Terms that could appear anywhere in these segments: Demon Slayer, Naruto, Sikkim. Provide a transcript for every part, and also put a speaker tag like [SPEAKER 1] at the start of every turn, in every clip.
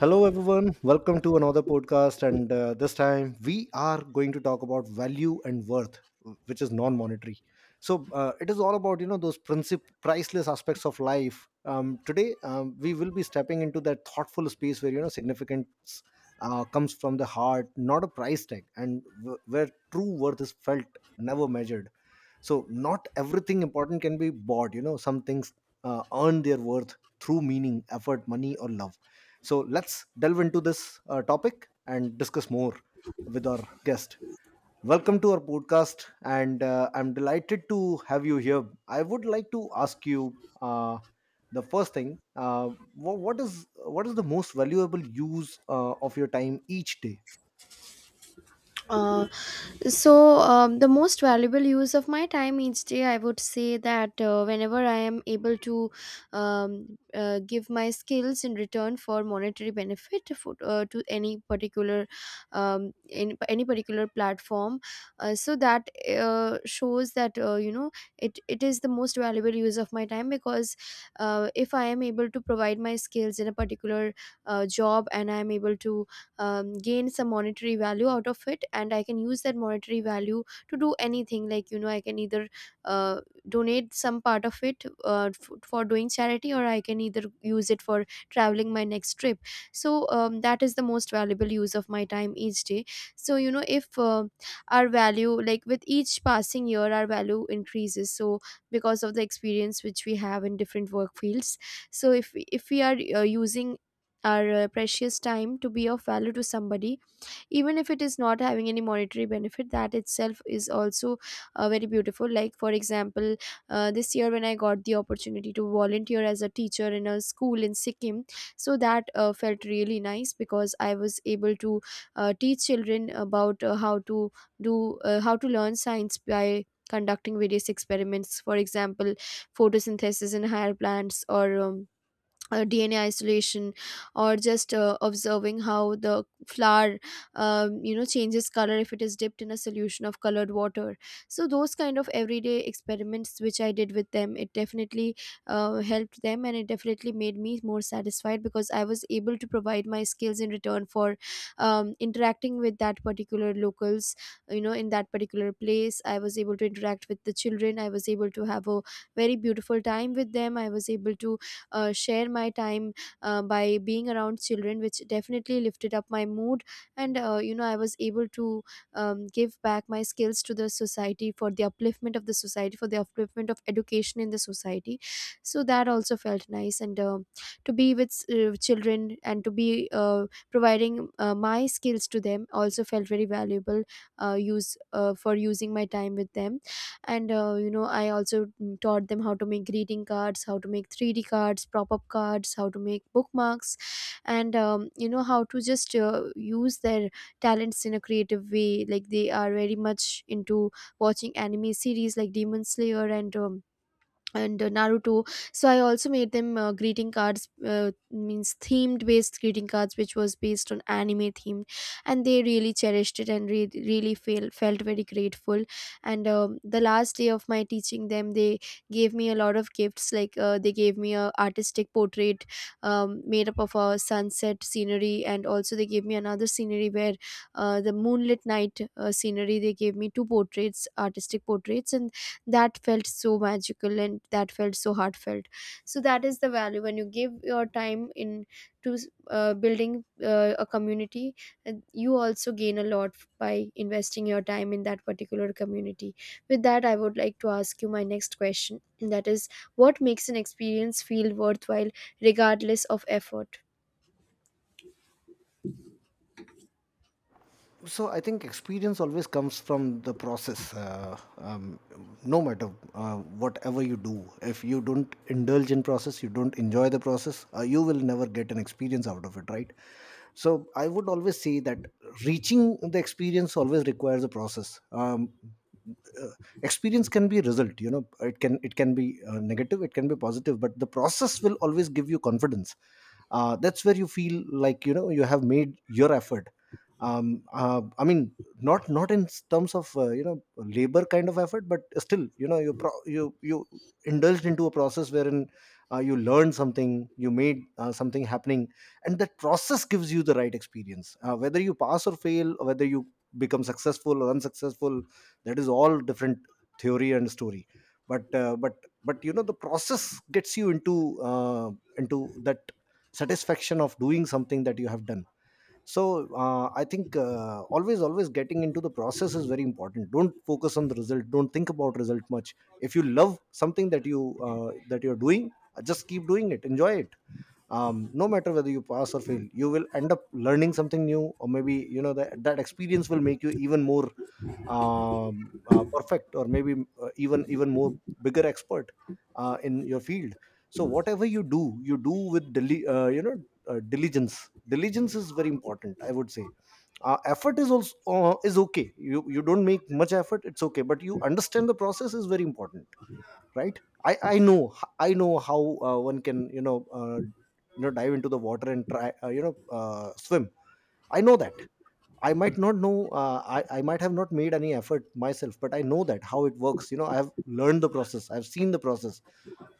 [SPEAKER 1] Hello, everyone. Welcome to another podcast. And this time we are going to talk about value and worth, which is non monetary. So it is all about, you know, those priceless aspects of life. Today, we will be stepping into that thoughtful space where, you know, significance comes from the heart, not a price tag, and where true worth is felt, never measured. So not everything important can be bought, you know, some things earn their worth through meaning, effort, money or love. So let's delve into this topic and discuss more with our guest. Welcome to our podcast, and I'm delighted to have you here. I would like to ask you, uh, the first thing, what is, what is the most valuable use of your time each day?
[SPEAKER 2] Uh, the most valuable use of my time each day, I would say that whenever I am able to give my skills in return for monetary benefit to any particular in any particular platform, so that shows that you know, it is the most valuable use of my time, because if I am able to provide my skills in a particular job and I am able to gain some monetary value out of it, and I can use that monetary value to do anything. Like, you know, I can either uh, donate some part of it for doing charity, or I can either use it for traveling my next trip. So that is the most valuable use of my time each day. So, you know, if our value, like, with each passing year, our value increases, so because of the experience which we have in different work fields. So if we are using our precious time to be of value to somebody, even if it is not having any monetary benefit, that itself is also very beautiful. Like, for example, this year when I got the opportunity to volunteer as a teacher in a school in Sikkim, so that felt really nice because I was able to teach children about how to do how to learn science by conducting various experiments. For example, photosynthesis in higher plants, or DNA isolation, or just observing how the flower you know, changes color if it is dipped in a solution of colored water. So those kind of everyday experiments which I did with them, it definitely helped them, and it definitely made me more satisfied because I was able to provide my skills in return for interacting with that particular locals. You know, in that particular place, I was able to interact with the children, I was able to have a very beautiful time with them, I was able to share my time by being around children, which definitely lifted up my mood. And you know, I was able to give back my skills to the society, for the upliftment of the society, for the upliftment of education in the society. So that also felt nice, and to be with children and to be providing my skills to them also felt very valuable use for using my time with them. And you know, I also taught them how to make greeting cards, how to make 3D cards, prop-up cards, how to make bookmarks, and you know, how to just use their talents in a creative way. Like, they are very much into watching anime series like Demon Slayer, and Naruto. So I also made them greeting cards, means themed based greeting cards, which was based on anime themed, and they really cherished it and really felt very grateful. And the last day of my teaching them, they gave me a lot of gifts. Like, they gave me a artistic portrait made up of a sunset scenery, and also they gave me another scenery where the moonlit night scenery. They gave me two portraits, artistic portraits, and that felt so magical and that felt so heartfelt. So that is the value, when you give your time in to building a community, and you also gain a lot by investing your time in that particular community. With that, I would like to ask you my next question, and that is: what makes an experience feel worthwhile regardless of effort?
[SPEAKER 1] So I think experience always comes from the process. No matter whatever you do, if you don't indulge in process, you don't enjoy the process, you will never get an experience out of it, right? So I would always say that reaching the experience always requires a process. Uh, Experience can be a result, you know, it can, it can be negative, it can be positive, but the process will always give you confidence. That's where you feel like, you know, you have made your effort. I mean, not in terms of you know, labor kind of effort, but still, you know, you you indulged into a process wherein you learned something, you made something happening, and that process gives you the right experience, whether you pass or fail, or whether you become successful or unsuccessful. That is all different theory and story. But uh, but but you know, the process gets you into that satisfaction of doing something that you have done. So I think always getting into the process is very important. Don't focus on the result, don't think about result much. If you love something that you that you're doing, just keep doing it, enjoy it. No matter whether you pass or fail, you will end up learning something new, or maybe, you know, that experience will make you even more perfect, or maybe even more bigger expert in your field. So whatever you do, you do with you know, diligence. Is very important, I would say. Effort is also is okay, you don't make much effort, it's okay, but you understand the process is very important. Right, I know, I know how one can, you know, you know, dive into the water and try, you know, swim. I know that. I might not know, I might have not made any effort myself, but I know that how it works. You know, I have learned the process, I've seen the process,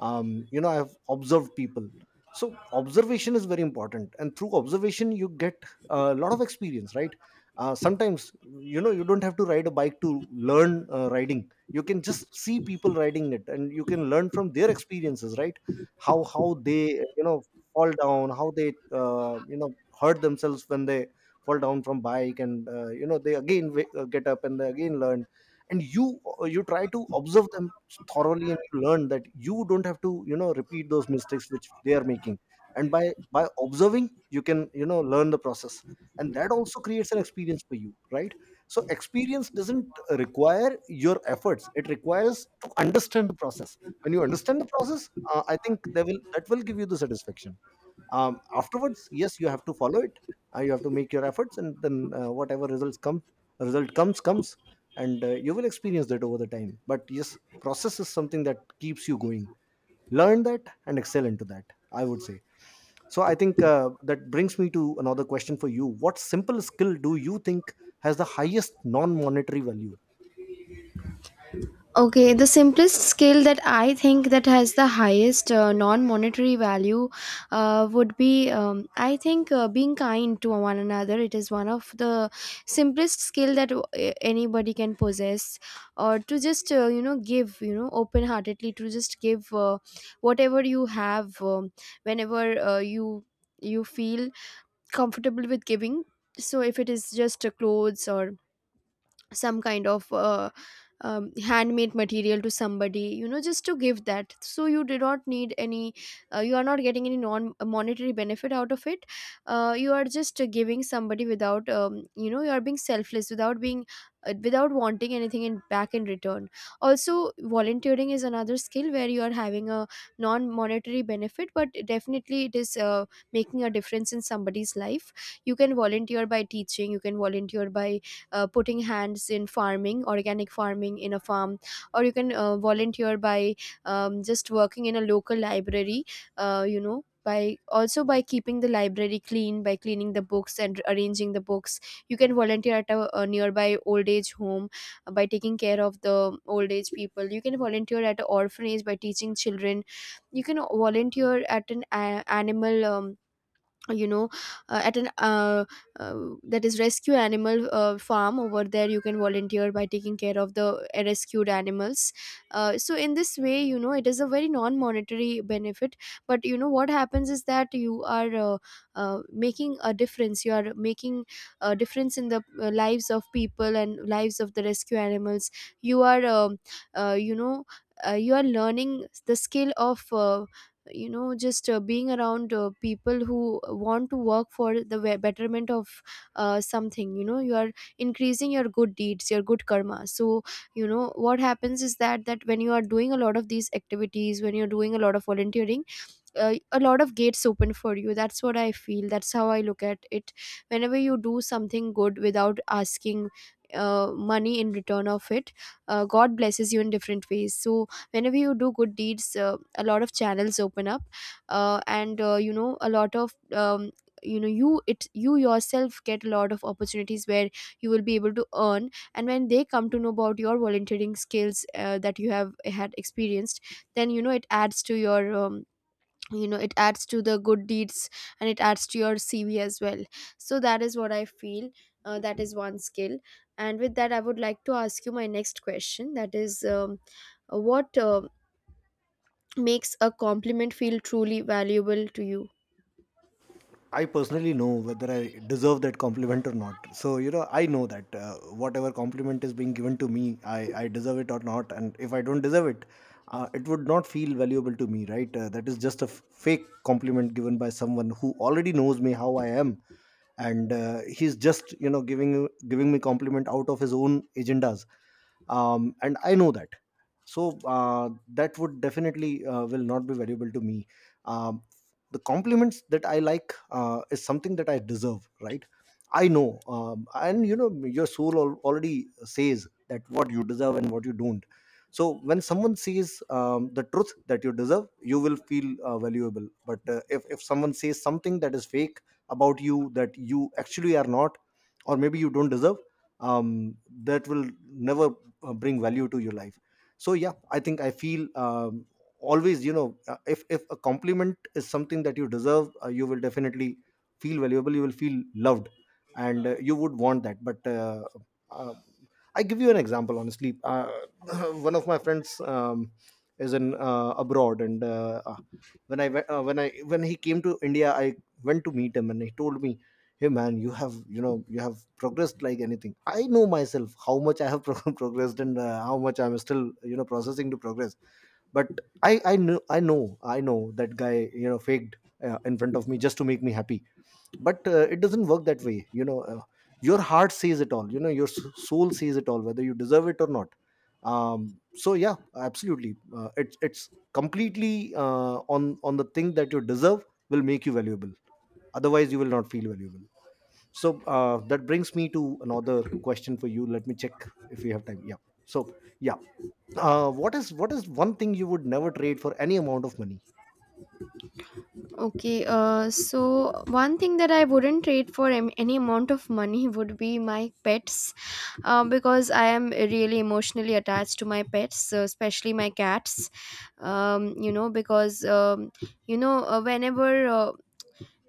[SPEAKER 1] you know, I have observed people. So, observation is very important. And through observation, you get a lot of experience, right? Sometimes, you know, you don't have to ride a bike to learn riding. You can just see people riding it, and you can learn from their experiences, right? How they, you know, fall down, how they, you know, hurt themselves when they fall down from bike, and you know, they again get up and they again learn. And you, you try to observe them thoroughly, and you learn that you don't have to, you know, repeat those mistakes which they are making. And by observing, you can, you know, learn the process, and that also creates an experience for you, right? So experience doesn't require your efforts, it requires to understand the process. When you understand the process, I think they will that will give you the satisfaction. Afterwards, yes, you have to follow it. You have to make your efforts, and then whatever results come, result comes. And you will experience that over the time, but yes, process is something that keeps you going. Learn that and excel into that, I would say. So I think that brings me to another question for you. What simple skill do you think has the highest non monetary value?
[SPEAKER 2] Okay, the simplest skill that I think that has the highest non-monetary value would be, I think, being kind to one another. It is one of the simplest skill that anybody can possess, or to just you know, give, you know, open-heartedly, to just give whatever you have, whenever you feel comfortable with giving. So if it is just clothes or some kind of handmade material to somebody, you know, just to give that. So you do not need any you are not getting any non monetary benefit out of it. Uh, you are just giving somebody without you know, you are being selfless, without being without wanting anything in back in return. Also, volunteering is another skill where you are having a non monetary benefit, but definitely it is making a difference in somebody's life. You can volunteer by teaching, you can volunteer by putting hands in farming, organic farming in a farm, or you can volunteer by just working in a local library, you know, by also by keeping the library clean, by cleaning the books and arranging the books. You can volunteer at a nearby old age home, by taking care of the old age people. You can volunteer at an orphanage by teaching children. You can volunteer at an animal you know, at an uh, that is rescue animal farm over there, you can volunteer by taking care of the rescued animals. Uh, so in this way, you know, it is a very non monetary benefit, but you know what happens is that you are making a difference, you are making a difference in the lives of people and lives of the rescue animals. You are you know, you are learning the skill of you know, just being around people who want to work for the betterment of something. You know, you are increasing your good deeds, your good karma. So you know what happens is that that when you are doing a lot of these activities, when you're doing a lot of volunteering, a lot of gates open for you. That's what I feel, that's how I look at it. Whenever you do something good without asking money in return of it, god blesses you in different ways. So whenever you do good deeds, a lot of channels open up, and you know, a lot of you know, you yourself get a lot of opportunities where you will be able to earn. And when they come to know about your volunteering skills, that you have had experienced, then you know, it adds to your you know, it adds to the good deeds, and it adds to your cv as well. So that is what I feel, that is one skill. And with that, I would like to ask you my next question, that is, what makes a compliment feel truly valuable to you?
[SPEAKER 1] I personally know whether I deserve that compliment or not. So, you know, I know that whatever compliment is being given to me, I deserve it or not. And if I don't deserve it, it would not feel valuable to me, right? That is just a fake compliment given by someone who already knows me how I am. And he's just, you know, giving me compliment out of his own agendas. And I know that. So that would definitely will not be valuable to me. Um, the compliments that I like is something that I deserve, right? I know, and you know your soul already says that what you deserve and what you don't. So when someone says, the truth that you deserve, you will feel valuable, but if someone says something that is fake about you that you actually are not, or maybe you don't deserve, um, that will never bring value to your life. So yeah, I think I feel, always, you know, if a compliment is something that you deserve, you will definitely feel valuable, you will feel loved, and you would want that. But uh, uh, I give you an example, honestly, one of my friends, is in abroad, and when when I, when he came to India, I went to meet him, and he told me, "Hey man, you have, you know, you have progressed like anything." I know myself how much I have progressed and how much I'm still, you know, processing to progress. But I know, I know that guy, you know, faked in front of me just to make me happy. But it doesn't work that way, you know, your heart says it all, you know, your soul says it all, whether you deserve it or not. Um so yeah, absolutely, it's completely on the thing that you deserve will make you valuable, otherwise you will not feel valuable. So that brings me to another question for you. Let me check if we have time. Yeah. So yeah, what is, what is one thing you would never trade for any amount of money?
[SPEAKER 2] Okay, so one thing that I wouldn't trade for any amount of money would be my pets, because I am really emotionally attached to my pets, especially my cats. You know, because you know, uh, whenever uh,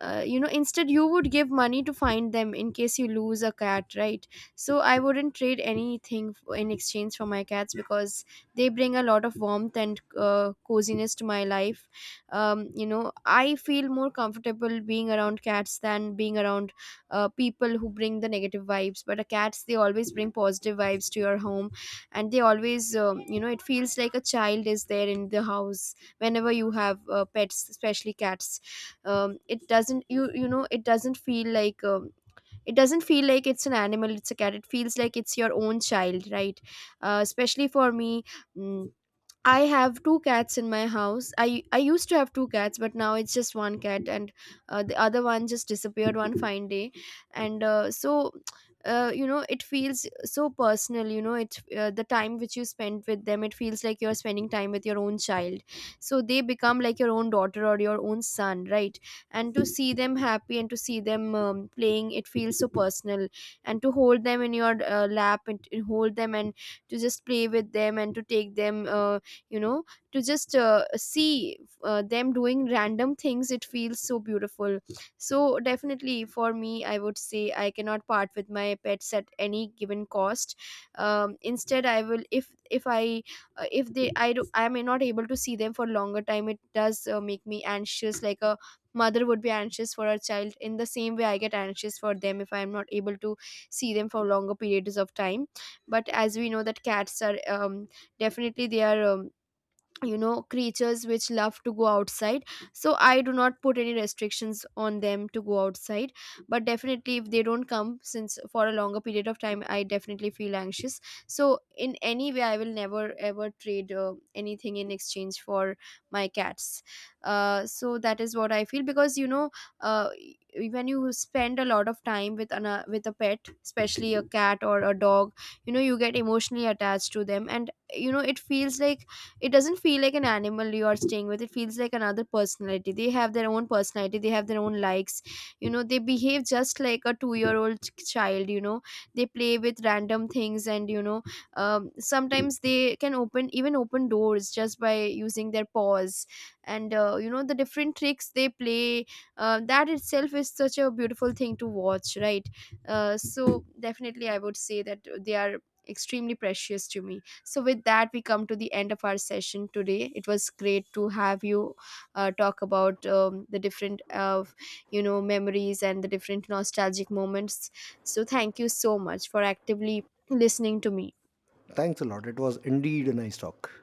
[SPEAKER 2] uh, you know, instead you would give money to find them in case you lose a cat, right? So I wouldn't trade anything in exchange for my cats because they bring a lot of warmth and coziness to my life. You know, I feel more comfortable being around cats than being around people who bring the negative vibes, but cats, they always bring positive vibes to your home. And they always you know, it feels like a child is there in the house whenever you have pets, especially cats. It doesn't, you know, it doesn't feel like it doesn't feel like it's an animal, it's a cat, it feels like it's your own child, right? Especially for me. mm, I have two cats in my house. I used to have two cats, but now it's just one cat, and the other one just disappeared one fine day, and so. You know, it feels so personal. You know, it the time which you spend with them, it feels like you're spending time with your own child. So they become like your own daughter or your own son, right? And to see them happy and to see them playing, it feels so personal. And to hold them in your lap, and to hold them and to just play with them, and to take them you know, to just see them doing random things, it feels so beautiful. So definitely, for me, I would say I cannot part with my pets at any given cost. Instead, I will if I if they I do I may not able to see them for longer time, it does make me anxious, like a mother would be anxious for her child. In the same way, I get anxious for them if I am not able to see them for longer periods of time. But as we know, that cats are definitely they are you know, creatures which love to go outside. So I do not put any restrictions on them to go outside, but definitely if they don't come since for a longer period of time, I definitely feel anxious. So in any way, I will never ever trade anything in exchange for my cats. Uh, so that is what I feel, because you know, uh, when you spend a lot of time with with a pet, especially a cat or a dog, you know, you get emotionally attached to them, and you know, it feels like, it doesn't feel like an animal you are staying with, it feels like another personality. They have their own personality, they have their own likes, you know, they behave just like a 2-year old child. You know, they play with random things, and you know, sometimes they can open, even open doors just by using their paws. And you know, the different tricks they play, that itself is such a beautiful thing to watch, right? So definitely, I would say that they are extremely precious to me. So, with that, we come to the end of our session today. It was great to have you talk about the different, you know, memories and the different nostalgic moments. So, thank you so much for actively listening to me.
[SPEAKER 1] Thanks a lot. It was indeed a nice talk.